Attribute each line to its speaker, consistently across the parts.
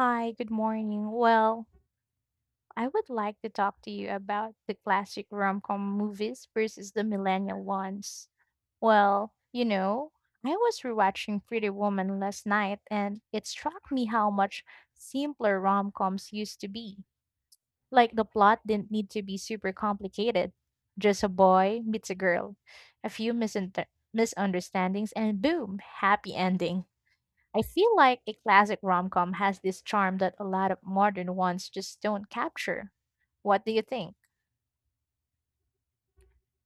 Speaker 1: Hi, good morning. I would like to talk to you about the classic rom-com movies versus the millennial ones. Well, you know, I was rewatching Pretty Woman last night and it struck me how much simpler rom-coms used to be. Like the plot didn't need to be super complicated. Just a boy meets a girl, a few misunter misunderstandings, and boom, happy ending. I feel like a classic rom com has this charm that a lot of modern ones just don't capture. What do you think?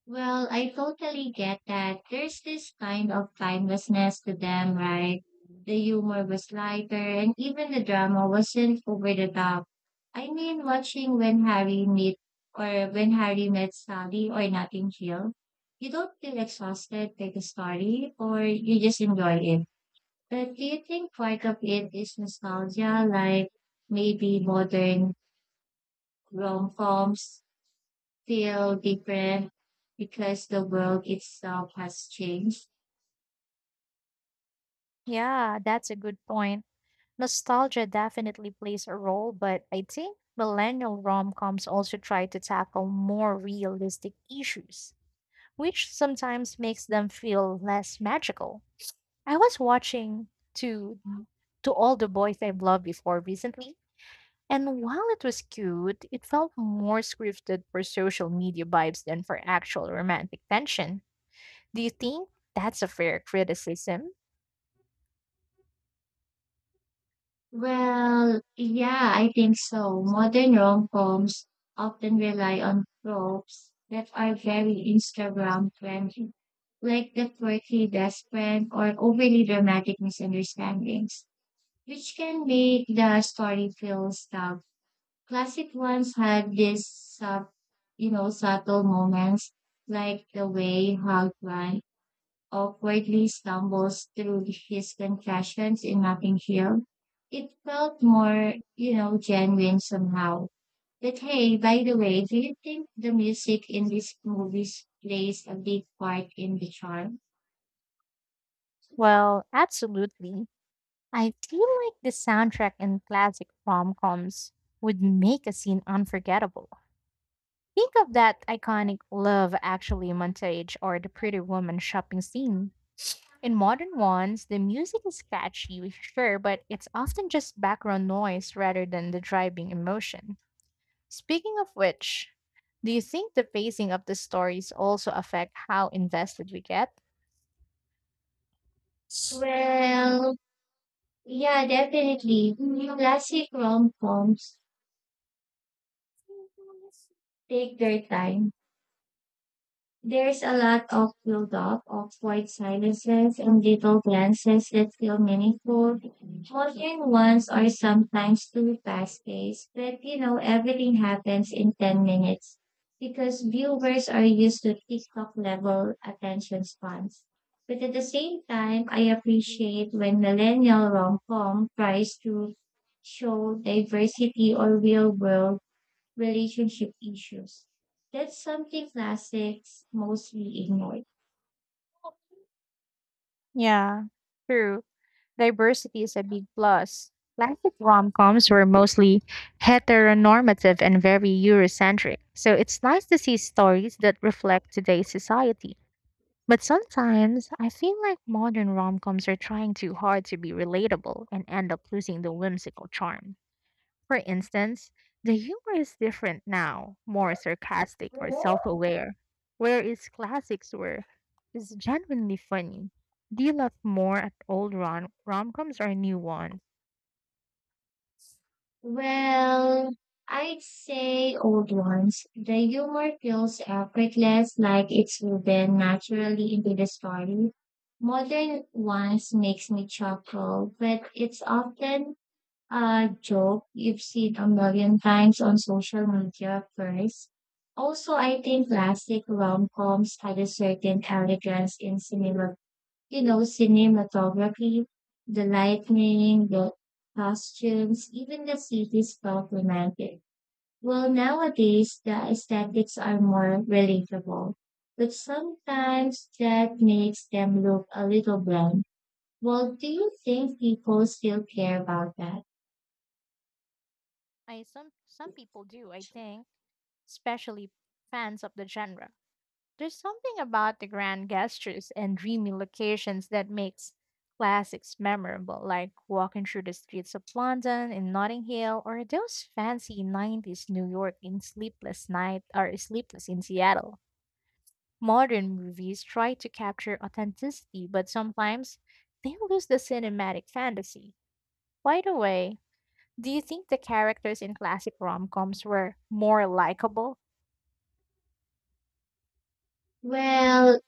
Speaker 2: Well, I totally get that. There's this kind of timelessness to
Speaker 1: Mm.
Speaker 2: them, right? The humor was lighter and even the drama wasn't over the top. I mean, watching when Harry met Sally or Notting Hill, you don't feel exhausted by the story or you just enjoy it. But do you think part of it is nostalgia, like maybe modern rom-coms feel different because the world itself has changed?
Speaker 1: Yeah, that's a good point. Nostalgia definitely plays a role, but I think millennial rom coms also try to tackle more realistic issues, which sometimes makes them feel less magical. I was watching to to all the boys I've loved before recently, and while it was cute, it felt more scripted for social media vibes than for actual romantic tension. Do you think that's a fair criticism?
Speaker 2: Well, yeah, I think so. Modern rom coms often rely on tropes that are very Instagram friendly, like the quirky best friend or overly dramatic misunderstandings, which can make the story feel stuck. Classic ones had these subtle moments, like the way Hog Run or quietly stumbles through his confessions in Nothing Hill. It felt more, genuine somehow. But hey, by the way, do you think the music in these movies plays a big part in the charm?
Speaker 1: Well, absolutely. I feel like the soundtrack in classic rom coms would make a scene unforgettable. Think of that iconic Love Actually montage or the Pretty Woman shopping scene. In modern ones, the music is catchy, sure, but it's often just background noise rather than the driving emotion. Speaking of which, do you think the pacing of the stories also affect how invested we get?
Speaker 2: Well, yeah, definitely. Classic rom-coms take their time. There's a lot of build-up, of quiet silences and little glances that feel meaningful. Modern ones are sometimes too fast-paced, but you know, everything happens in 10 minutes because viewers are used to TikTok-level attention spans. But at the same time, I appreciate when millennial rom-com tries to show diversity or real-world relationship issues. That's something classics mostly ignore.
Speaker 1: Yeah, true. Diversity is a big plus. Classic rom-coms were mostly heteronormative and very Eurocentric, so it's nice to see stories that reflect today's society. But sometimes I feel like modern rom-coms are trying too hard to be relatable and end up losing the whimsical charm. For instance, the humor is different now, more sarcastic or self-aware, whereas classics were is genuinely funny. Do you laugh more at old rom-coms or new ones?
Speaker 2: Well, I'd say old ones. The humor feels effortless, like it's woven naturally into the story. Modern ones makes me chuckle, but it's often a joke you've seen a million times on social media first. Also, I think classic rom-coms had a certain elegance in cinema. You know, cinematography, the lightning, the costumes, even the cities felt romantic. Well, nowadays, the aesthetics are more relatable, but sometimes that makes them look a little bland. Well, do you think people still care about that?
Speaker 1: I some people do, I think, especially fans of the genre. There's something about the grand gestures and dreamy locations that makes classics memorable, like walking through the streets of London in Notting Hill or those fancy 90s New York in Sleepless Night or Sleepless in Seattle. Modern movies try to capture authenticity, but sometimes they lose the cinematic fantasy. By the way, do you think the characters in classic rom-coms were more likable?
Speaker 2: Well,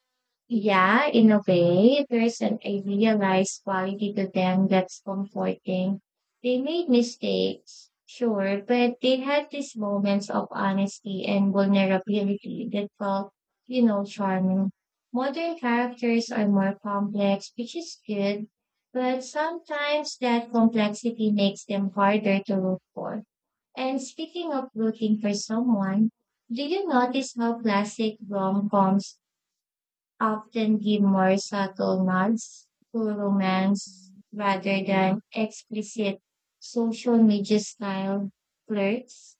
Speaker 2: yeah, in a way, there's an idealized quality to them that's comforting. They made mistakes, sure, but they had these moments of honesty and vulnerability that felt, charming. Modern characters are more complex, which is good, but sometimes that complexity makes them harder to look for. And speaking of looking for someone, do you notice how classic rom-coms often give more subtle nods to romance rather than explicit social media style flirts.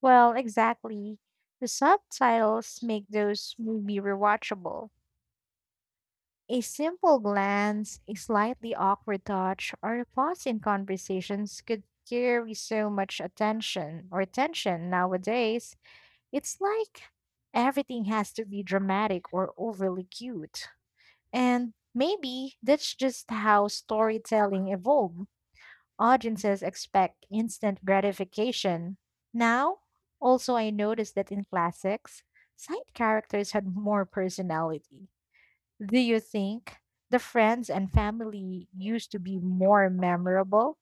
Speaker 1: Well, exactly. The subtitles make those movies rewatchable. A simple glance, a slightly awkward touch, or a pause in conversations could carry so much attention or tension nowadays. It's like everything has to be dramatic or overly cute. And maybe that's just how storytelling evolved. Audiences expect instant gratification. Now, also, I noticed that in classics, side characters had more personality. Do you think the friends and family used to be more memorable?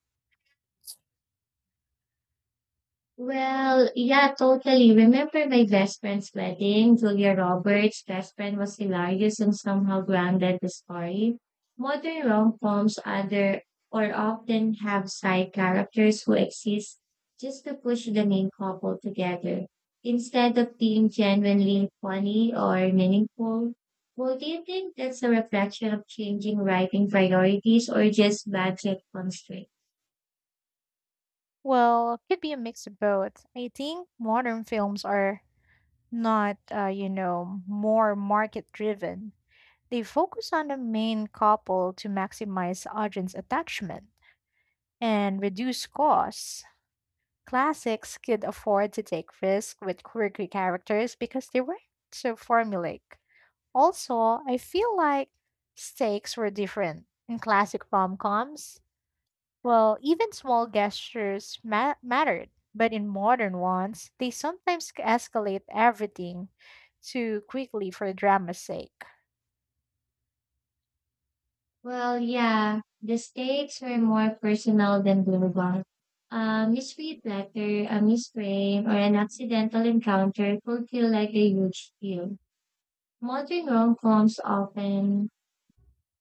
Speaker 2: Well, yeah, totally. Remember my best friend's wedding? Julia Roberts' best friend was hilarious and somehow grounded the story. Modern rom-coms other or often have side characters who exist just to push the main couple together. Instead of being genuinely funny or meaningful, well, do you think that's a reflection of changing writing priorities or just budget constraints?
Speaker 1: Well, could be a mix of both. I think modern films are not, more market driven. They focus on the main couple to maximize audience attachment and reduce costs. Classics could afford to take risks with quirky characters because they weren't so formulaic. Also, I feel like stakes were different. In classic rom-coms, well, even small gestures mattered, but in modern ones, they sometimes escalate everything too quickly for drama's sake.
Speaker 2: Well, yeah, the stakes were more personal than global. A misread letter, a misframe, or an accidental encounter could feel like a huge deal. Modern rom-coms often,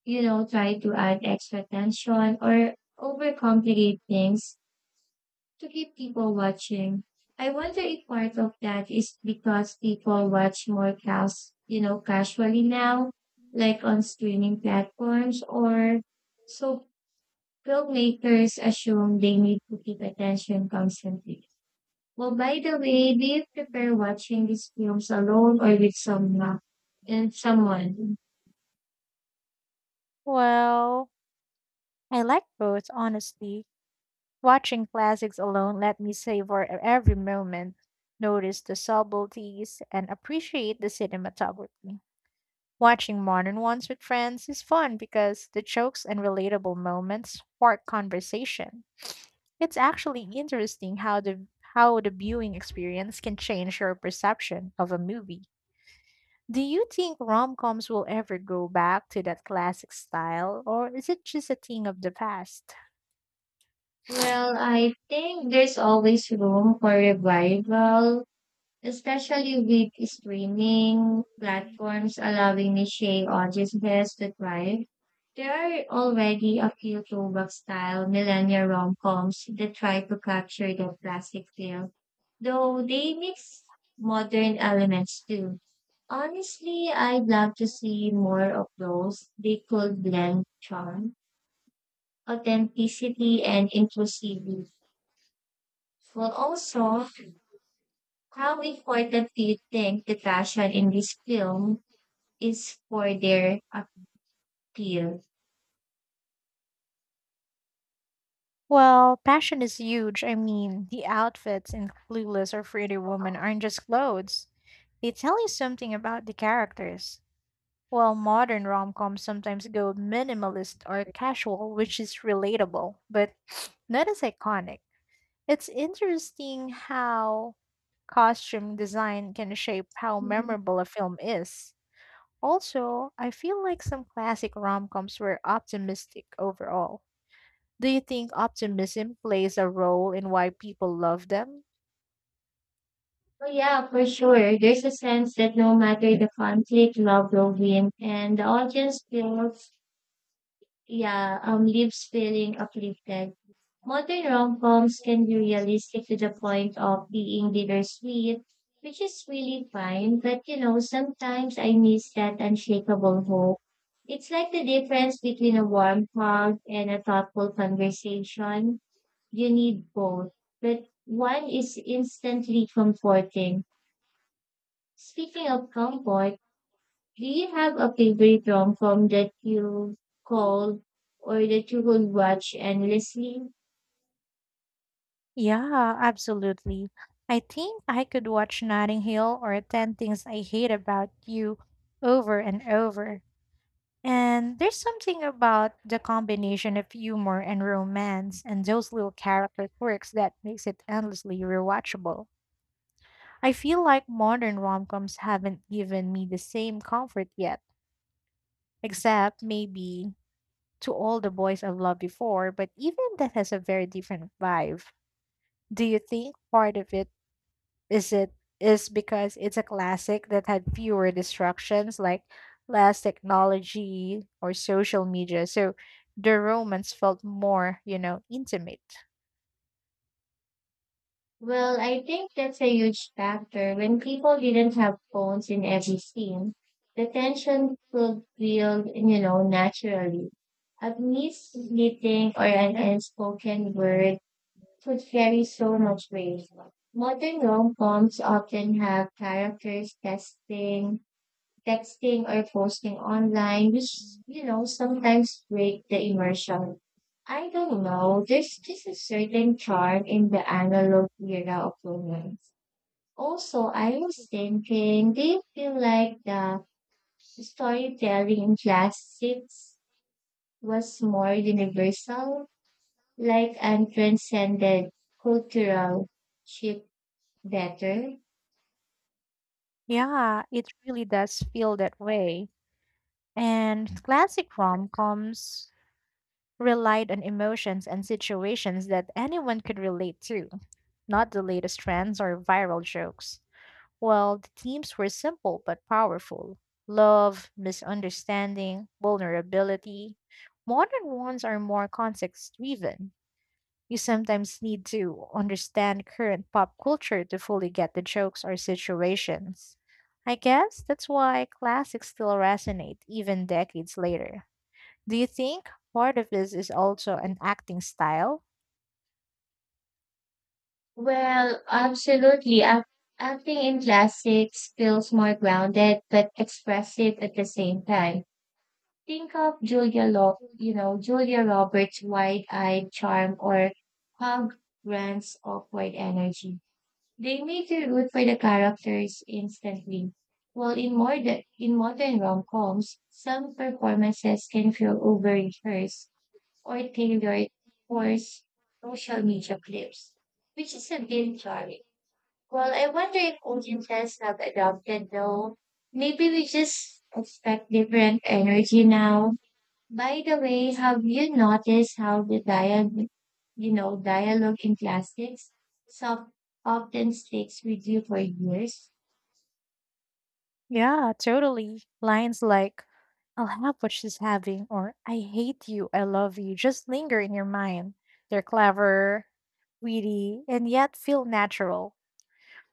Speaker 2: try to add extra tension or overcomplicate things to keep people watching. I wonder if part of that is because people watch more casually now, like on streaming platforms or so filmmakers assume they need to keep attention constantly. Well, by the way, do you prefer watching these films alone or with someone? And someone?
Speaker 1: Well, I like both, honestly. Watching classics alone let me savor every moment, notice the subtleties, and appreciate the cinematography. Watching modern ones with friends is fun because the jokes and relatable moments spark conversation. It's actually interesting how the viewing experience can change your perception of a movie. Do you think rom-coms will ever go back to that classic style, or is it just a thing of the past?
Speaker 2: Well, I think there's always room for revival, especially with streaming platforms allowing niche audiences to thrive. There are already a few throwback-style millennial rom-coms that try to capture the classic feel, though they mix modern elements too. Honestly, I'd love to see more of those. They could blend charm, authenticity, and inclusivity, while also how important do you think the fashion in this film is for their appeal?
Speaker 1: Well, passion is huge. I mean, the outfits in Clueless or Pretty Woman aren't just clothes. They tell you something about the characters. While modern rom-coms sometimes go minimalist or casual, which is relatable, but not as iconic. It's interesting how costume design can shape how
Speaker 2: Mhm.
Speaker 1: memorable a film is. Also, I feel like some classic rom-coms were optimistic overall. Do you think optimism plays a role in why people love them?
Speaker 2: Oh yeah, for sure. There's a sense that no matter the conflict, love will win, and the audience feels, yeah, leaves feeling uplifted. Modern rom-coms can be realistic to the point of being bittersweet, which is really fine. But you know, sometimes I miss that unshakable hope. It's like the difference between a warm hug and a thoughtful conversation. You need both, but one is instantly comforting. Speaking of comfort, do you have a favorite rom-com that you called or that you would watch endlessly?
Speaker 1: Yeah, absolutely. I think I could watch Notting Hill or 10 Things I Hate About You over and over. And there's something about the combination of humor and romance and those little character quirks that makes it endlessly rewatchable. I feel like modern rom-coms haven't given me the same comfort yet, except maybe to all the boys I've loved before, but even that has a very different vibe. Do you think part of it is it is because it's a classic that had fewer distractions like less technology or social media, so the romance felt more, intimate.
Speaker 2: Well, I think that's a huge factor. When people didn't have phones in every scene, the tension could build, you know, naturally. A missed meeting or an unspoken word could carry so much weight. Modern rom-coms often have characters testing texting or posting online, which, you know, sometimes break the immersion. I don't know, there's just a certain charm in the analog era of romance. Also, I was thinking, do you feel like the storytelling in classics was more universal, like and transcended cultural shift better?
Speaker 1: Yeah, it really does feel that way. And classic rom-coms relied on emotions and situations that anyone could relate to, not the latest trends or viral jokes. Well, the themes were simple but powerful love, misunderstanding, vulnerability. Modern ones are more context driven. You sometimes need to understand current pop culture to fully get the jokes or situations. I guess that's why classics still resonate even decades later. Do you think part of this is also an acting style?
Speaker 2: Well, absolutely. Acting in classics feels more grounded but expressive at the same time. Think of Julia Law, you know, Julia Roberts' wide-eyed charm or Hugh Grant's awkward energy. They make you root for the characters instantly. While in modern rom-coms, some performances can feel over-rehearsed or tailored for social media clips, which is a bit jarring. Well, I wonder if audiences have adopted though. Maybe we just expect different energy now. By the way, have you noticed how the dialogue in classics soft often sticks with you for years?
Speaker 1: Yeah, totally. Lines like, I'll have what she's having, or I hate you, I love you, just linger in your mind. They're clever, witty, and yet feel natural.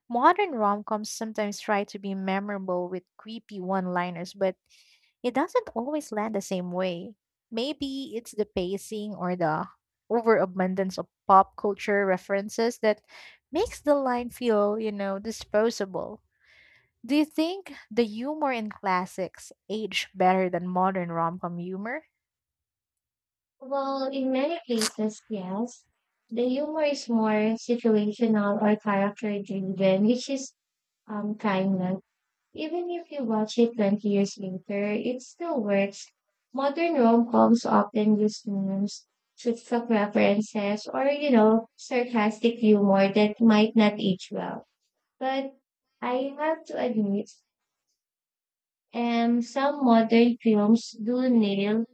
Speaker 1: Modern rom coms sometimes try to be memorable with creepy one liners, but it doesn't always land the same way. Maybe it's the pacing or the overabundance of pop culture references that makes the line feel, disposable. Do you think the humor in classics age better than modern rom com humor?
Speaker 2: Well, in many cases, yes. The humor is more situational or character driven, which is kind even if you watch it 20 years later, it still works. Modern rom-coms often use memes, TikTok references, or, you know, sarcastic humor that might not age well. But I have to admit, some modern films do nail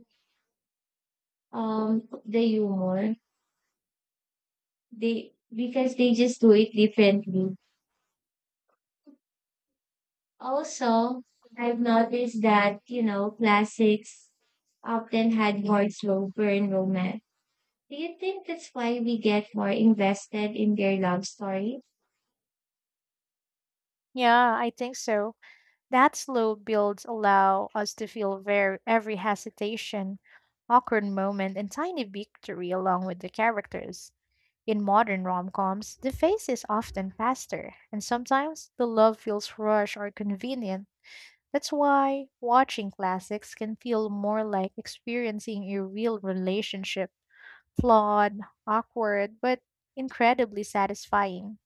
Speaker 2: the humor they because they just do it differently. Also, I've noticed that, you know, classics often had more slow burn romance. Do you think that's why we get more invested in their love story?
Speaker 1: Yeah, I think so. That slow builds allow us to feel very every hesitation, awkward moment, and tiny victory along with the characters. In modern rom-coms, the face is often faster, and sometimes the love feels rushed or convenient. That's why watching classics can feel more like experiencing a real relationship flawed, awkward, but incredibly satisfying.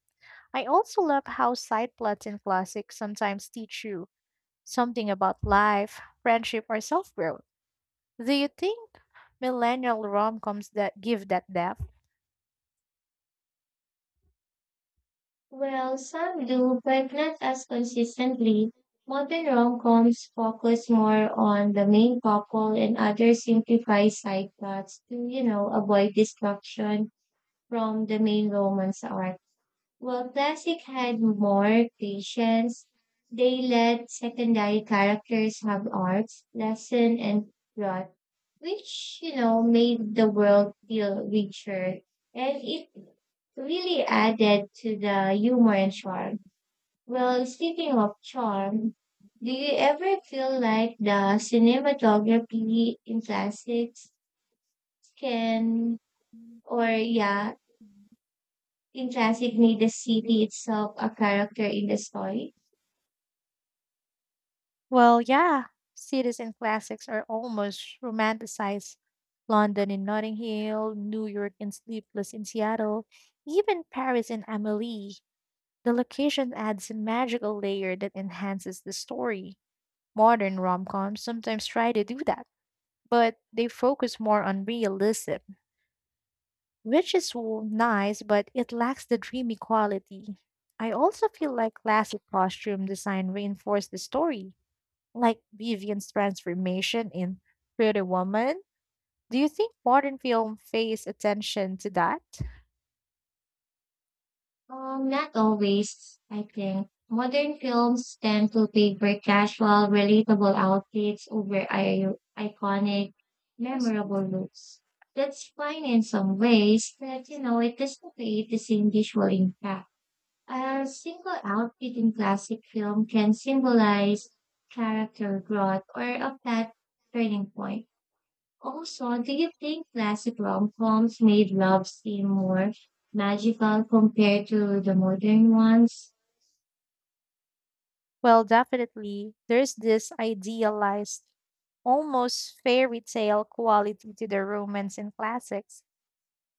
Speaker 1: I also love how side plots in classics sometimes teach you something about life, friendship, or self growth. Do you think millennial rom coms that give that depth?
Speaker 2: Well, some do, but not as consistently. Modern rom-coms focus more on the main couple and others simplify side plots to, you know, avoid distraction from the main romance arc. Well, classic had more patience. They let secondary characters have arcs, lesson, and plot, which you know made the world feel richer and it really added to the humor and charm. Well, speaking of charm, do you ever feel like the cinematography in classics can, or yeah, in classic made the city itself a character in the story?
Speaker 1: Well, yeah, cities and classics are almost romanticized. London in Notting Hill, New York in Sleepless in Seattle, even Paris in Amelie. The location adds a magical layer that enhances the story. Modern rom coms sometimes try to do that, but they focus more on realism, which is nice, but it lacks the dreamy quality. I also feel like classic costume design reinforced the story like Vivian's transformation in Pretty Woman. Do you think modern film pays attention to that?
Speaker 2: Not always, I think. Modern films tend to favor casual, relatable outfits over iconic, memorable looks. That's fine in some ways, but you know, it doesn't create the same visual impact. A single outfit in classic film can symbolize character growth or a plot turning point. Also, do you think classic rom-coms made love seem more magical compared to the modern ones?
Speaker 1: Well, definitely. There's this idealized, almost fairy tale quality to the romance in classics.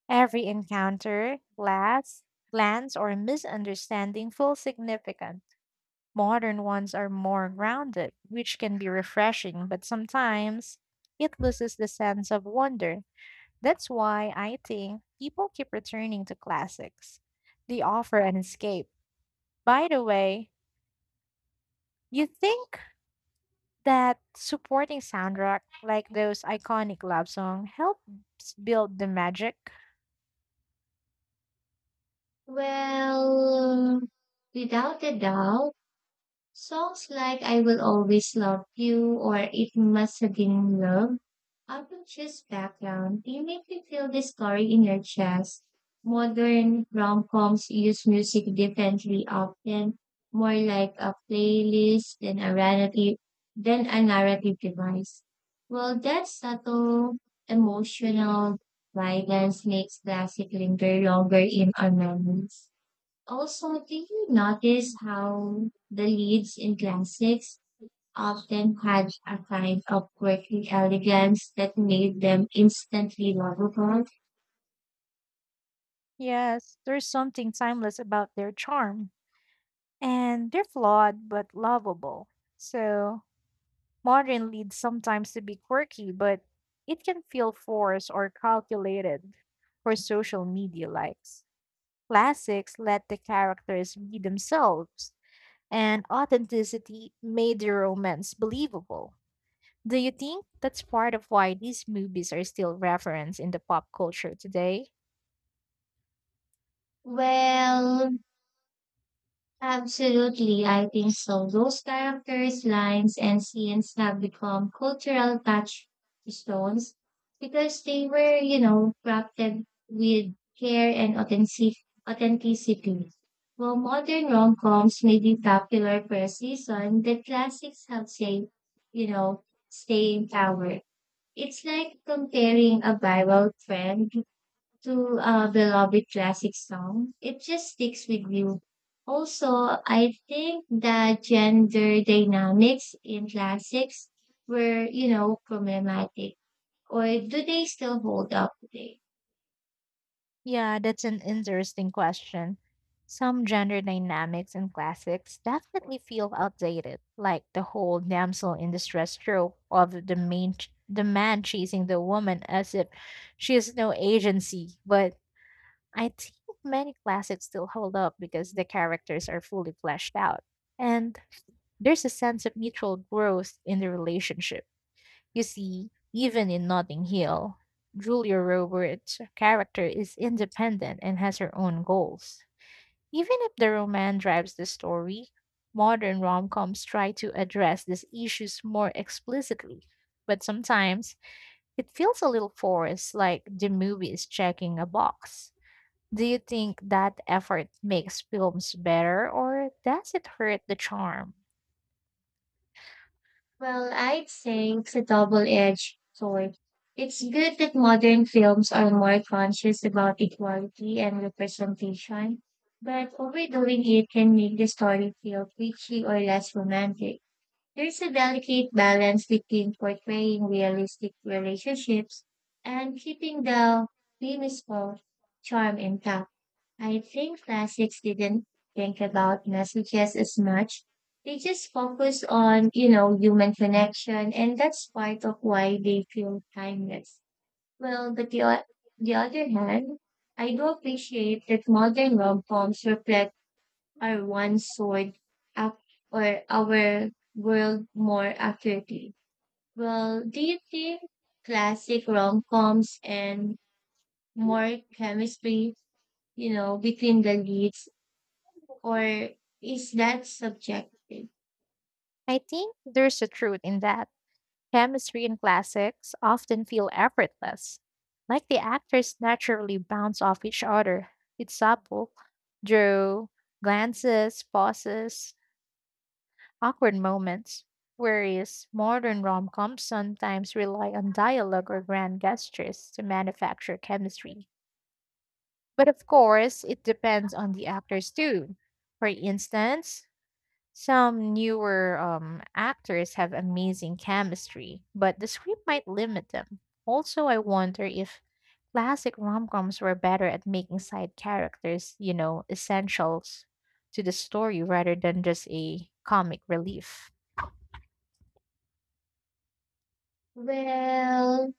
Speaker 1: Every encounter, glance, or misunderstanding feels significant. Modern ones are more grounded, which can be refreshing, but sometimes it loses the sense of wonder. That's why I think people keep returning to classics. They offer an escape. By the way, you think that supporting soundtrack like those iconic love songs helps build the magic?
Speaker 2: Well, without a doubt, songs like "I Will Always Love You" or "It Must Have Been Love" often choose background. They make me feel this story in your chest. Modern rom-coms use music differently often, more like a playlist than a narrative device. Well, that subtle emotional guidance makes classic linger longer in our memories. Also, did you notice how the leads in classics often had a kind of quirky elegance that made them instantly lovable?
Speaker 1: Yes, there's something timeless about their charm, and they're flawed but lovable. So, modern leads sometimes to be quirky, but it can feel forced or calculated for social media likes. Classics let the characters be themselves, and authenticity made the romance believable. Do you think that's part of why these movies are still referenced in the pop culture today?
Speaker 2: Well, absolutely, I think so. Those characters, lines, and scenes have become cultural touchstones because they were, you know, crafted with care and authenticity. While modern rom-coms may be popular for a season, the classics have stayed, you know, staying power. It's like comparing a viral trend to a beloved classic song, it just sticks with you. Also, I think that gender dynamics in classics were, you know, problematic. Or do they still hold up today?
Speaker 1: Yeah, that's an interesting question. Some gender dynamics in classics definitely feel outdated, like the whole damsel in distress trope of the main the man chasing the woman as if she has no agency. But I think many classics still hold up because the characters are fully fleshed out. And there's a sense of mutual growth in the relationship. You see, even in Notting Hill, Julia Roberts' character is independent and has her own goals. Even if the romance drives the story, modern rom-coms try to address these issues more explicitly. But sometimes it feels a little forced, like the movie is checking a box. Do you think that effort makes films better, or does it hurt the charm?
Speaker 2: Well, I'd say it's a double-edged sword. It's good that modern films are more conscious about equality and representation, but overdoing it can make the story feel preachy or less romantic. There's a delicate balance between portraying realistic relationships and keeping the whimsical charm intact. I think classics didn't think about messages as much. They just focus on, you know, human connection, and that's part of why they feel timeless. Well, but the, o- the other hand, I do appreciate that modern rom-coms reflect are one sort up or our world more accurately? Well, do you think classic rom-coms and more chemistry, you know, between the leads, or is that subjective?
Speaker 1: I think there's a truth in that. Chemistry in classics often feel effortless, like the actors naturally bounce off each other. It's supple, drew, glances, pauses, awkward moments. Whereas modern rom coms sometimes rely on dialogue or grand gestures to manufacture chemistry. But of course, it depends on the actors too. For instance, some newer actors have amazing chemistry, but the script might limit them. Also, I wonder if classic rom coms were better at making side characters, essentials to the story rather than just a comic relief.
Speaker 2: Well,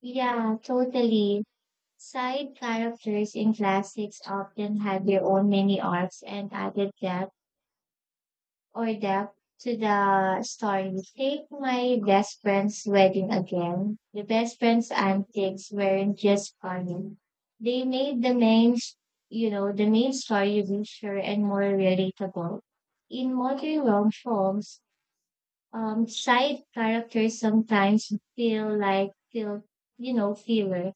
Speaker 2: yeah, totally. Side characters in classics often had their own mini arcs and added depth to the story. Take my best friend's wedding again. The best friend's antics weren't just funny. They made the main, the main story richer and more relatable. In modern long forms, side characters sometimes feel like filler.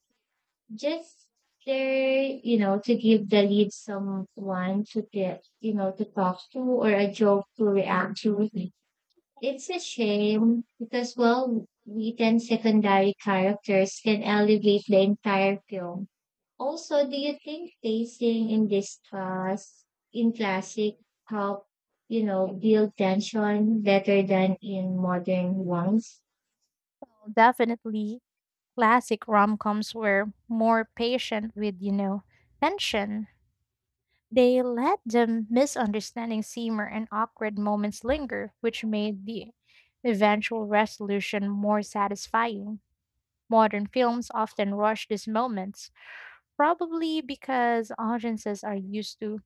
Speaker 2: Just there, you know, to give the lead someone to get, you know, to talk to or a joke to react to. It's a shame because well written secondary characters can elevate the entire film. Also, do you think pacing in classic help, you know, build tension better than in modern ones?
Speaker 1: Definitely, classic rom coms were more patient with, tension. They let the misunderstanding simmer and awkward moments linger, which made the eventual resolution more satisfying. Modern films often rush these moments, probably because audiences are used to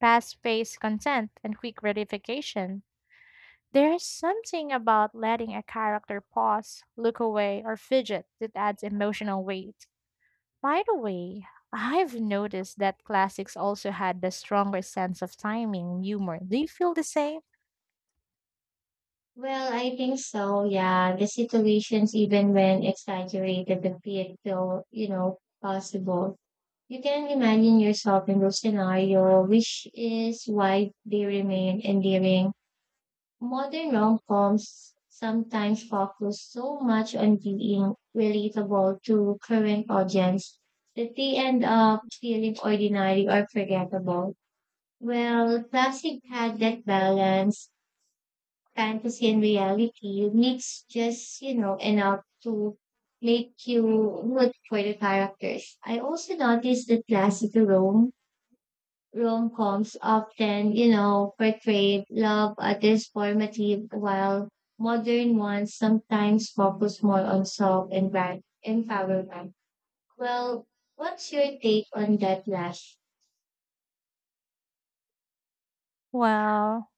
Speaker 1: fast paced content and quick gratification. There's something about letting a character pause, look away, or fidget that adds emotional weight. By the way, I've noticed that classics also had the stronger sense of timing and humor. Do you feel the same?
Speaker 2: Well, I think so, yeah. The situations even when exaggerated a bit feel, you know, possible. You can imagine yourself in those scenario, which is why they remain endearing. Modern rom-coms sometimes focus so much on being relatable to current audience that they end up feeling ordinary or forgettable. Well, classic had that balance, fantasy and reality mixed just, you know, enough to make you root for the characters. I also noticed that classical Rome rom coms often, you know, portray love as transformative, while modern ones sometimes focus more on self and brand empowerment. Well, what's your take on that last?
Speaker 1: Well,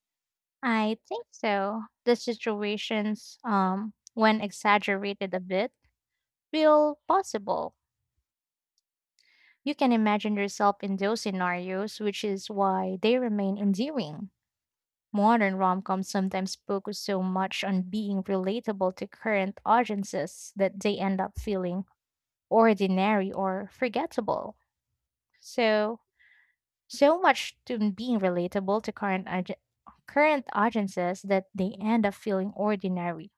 Speaker 1: I think so. The situations, when exaggerated a bit, feel possible. You can imagine yourself in those scenarios, which is why they remain endearing. Modern rom coms sometimes focus so much on being relatable to current audiences that they end up feeling ordinary or forgettable. So, so much to being relatable to current audiences that they end up feeling ordinary.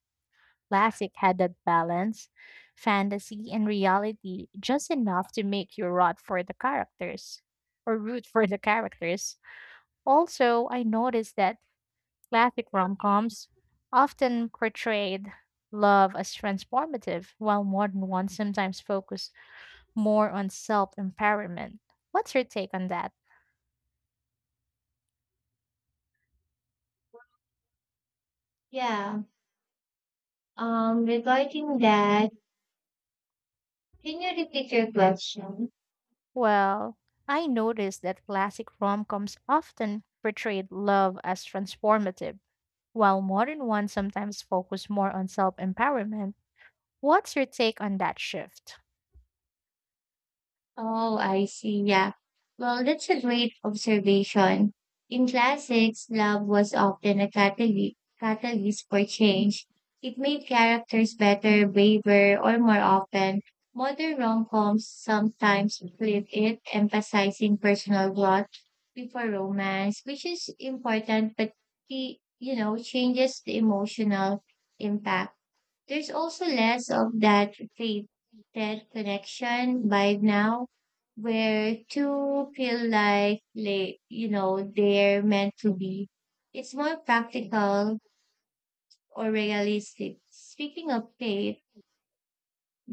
Speaker 1: Classic had that balance, fantasy and reality, just enough to make you rot for the characters or root for the characters. Also, I noticed that classic rom-coms often portrayed love as transformative, while modern ones sometimes focus more on self-empowerment. What's your take on that?
Speaker 2: Yeah. Regarding that, can you repeat your question?
Speaker 1: Well, I noticed that classic rom-coms often portrayed love as transformative, while modern ones sometimes focus more on self-empowerment. What's your take on that shift?
Speaker 2: Oh, I see. Yeah. Well, that's a great observation. In classics, love was often a catalyst for change. It made characters better, braver, or more often. Modern rom-coms sometimes flip it, emphasizing personal growth before romance, which is important, but the, you know, changes the emotional impact. There's also less of that faded connection by now where two feel like you know they're meant to be. It's more practical or realistic. Speaking of fate,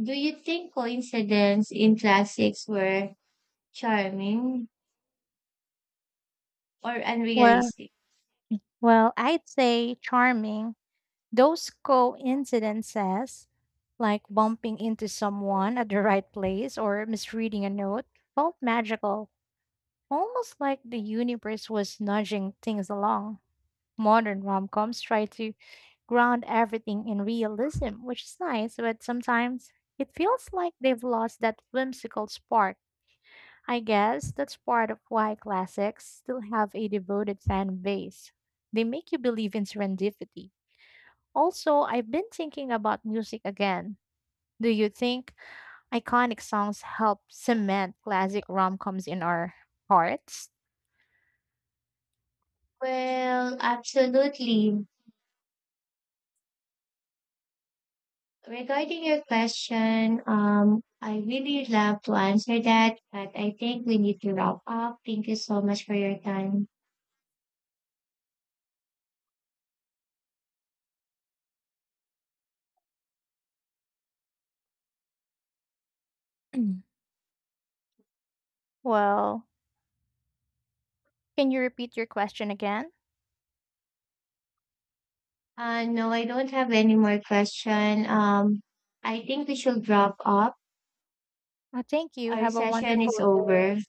Speaker 2: do you think coincidence in classics were charming or
Speaker 1: Well,
Speaker 2: unrealistic?
Speaker 1: Well, I'd say charming. Those coincidences, like bumping into someone at the right place or misreading a note, felt magical, almost like the universe was nudging things along. Modern rom coms try to ground everything in realism, which is nice, but sometimes it feels like they've lost that whimsical spark. I guess that's part of why classics still have a devoted fan base. They make you believe in serendipity. Also, I've been thinking about music again. Do you think iconic songs help cement classic rom coms in our hearts?
Speaker 2: Well, absolutely. Regarding your question, I really love to answer that, but I think we need to wrap up. Thank you so much for your time.
Speaker 1: Well, can you repeat your question again?
Speaker 2: No, I don't have any more question. I think we should wrap up.
Speaker 1: Thank you.
Speaker 2: Our
Speaker 1: Have a
Speaker 2: session is
Speaker 1: wonderful day.
Speaker 2: over.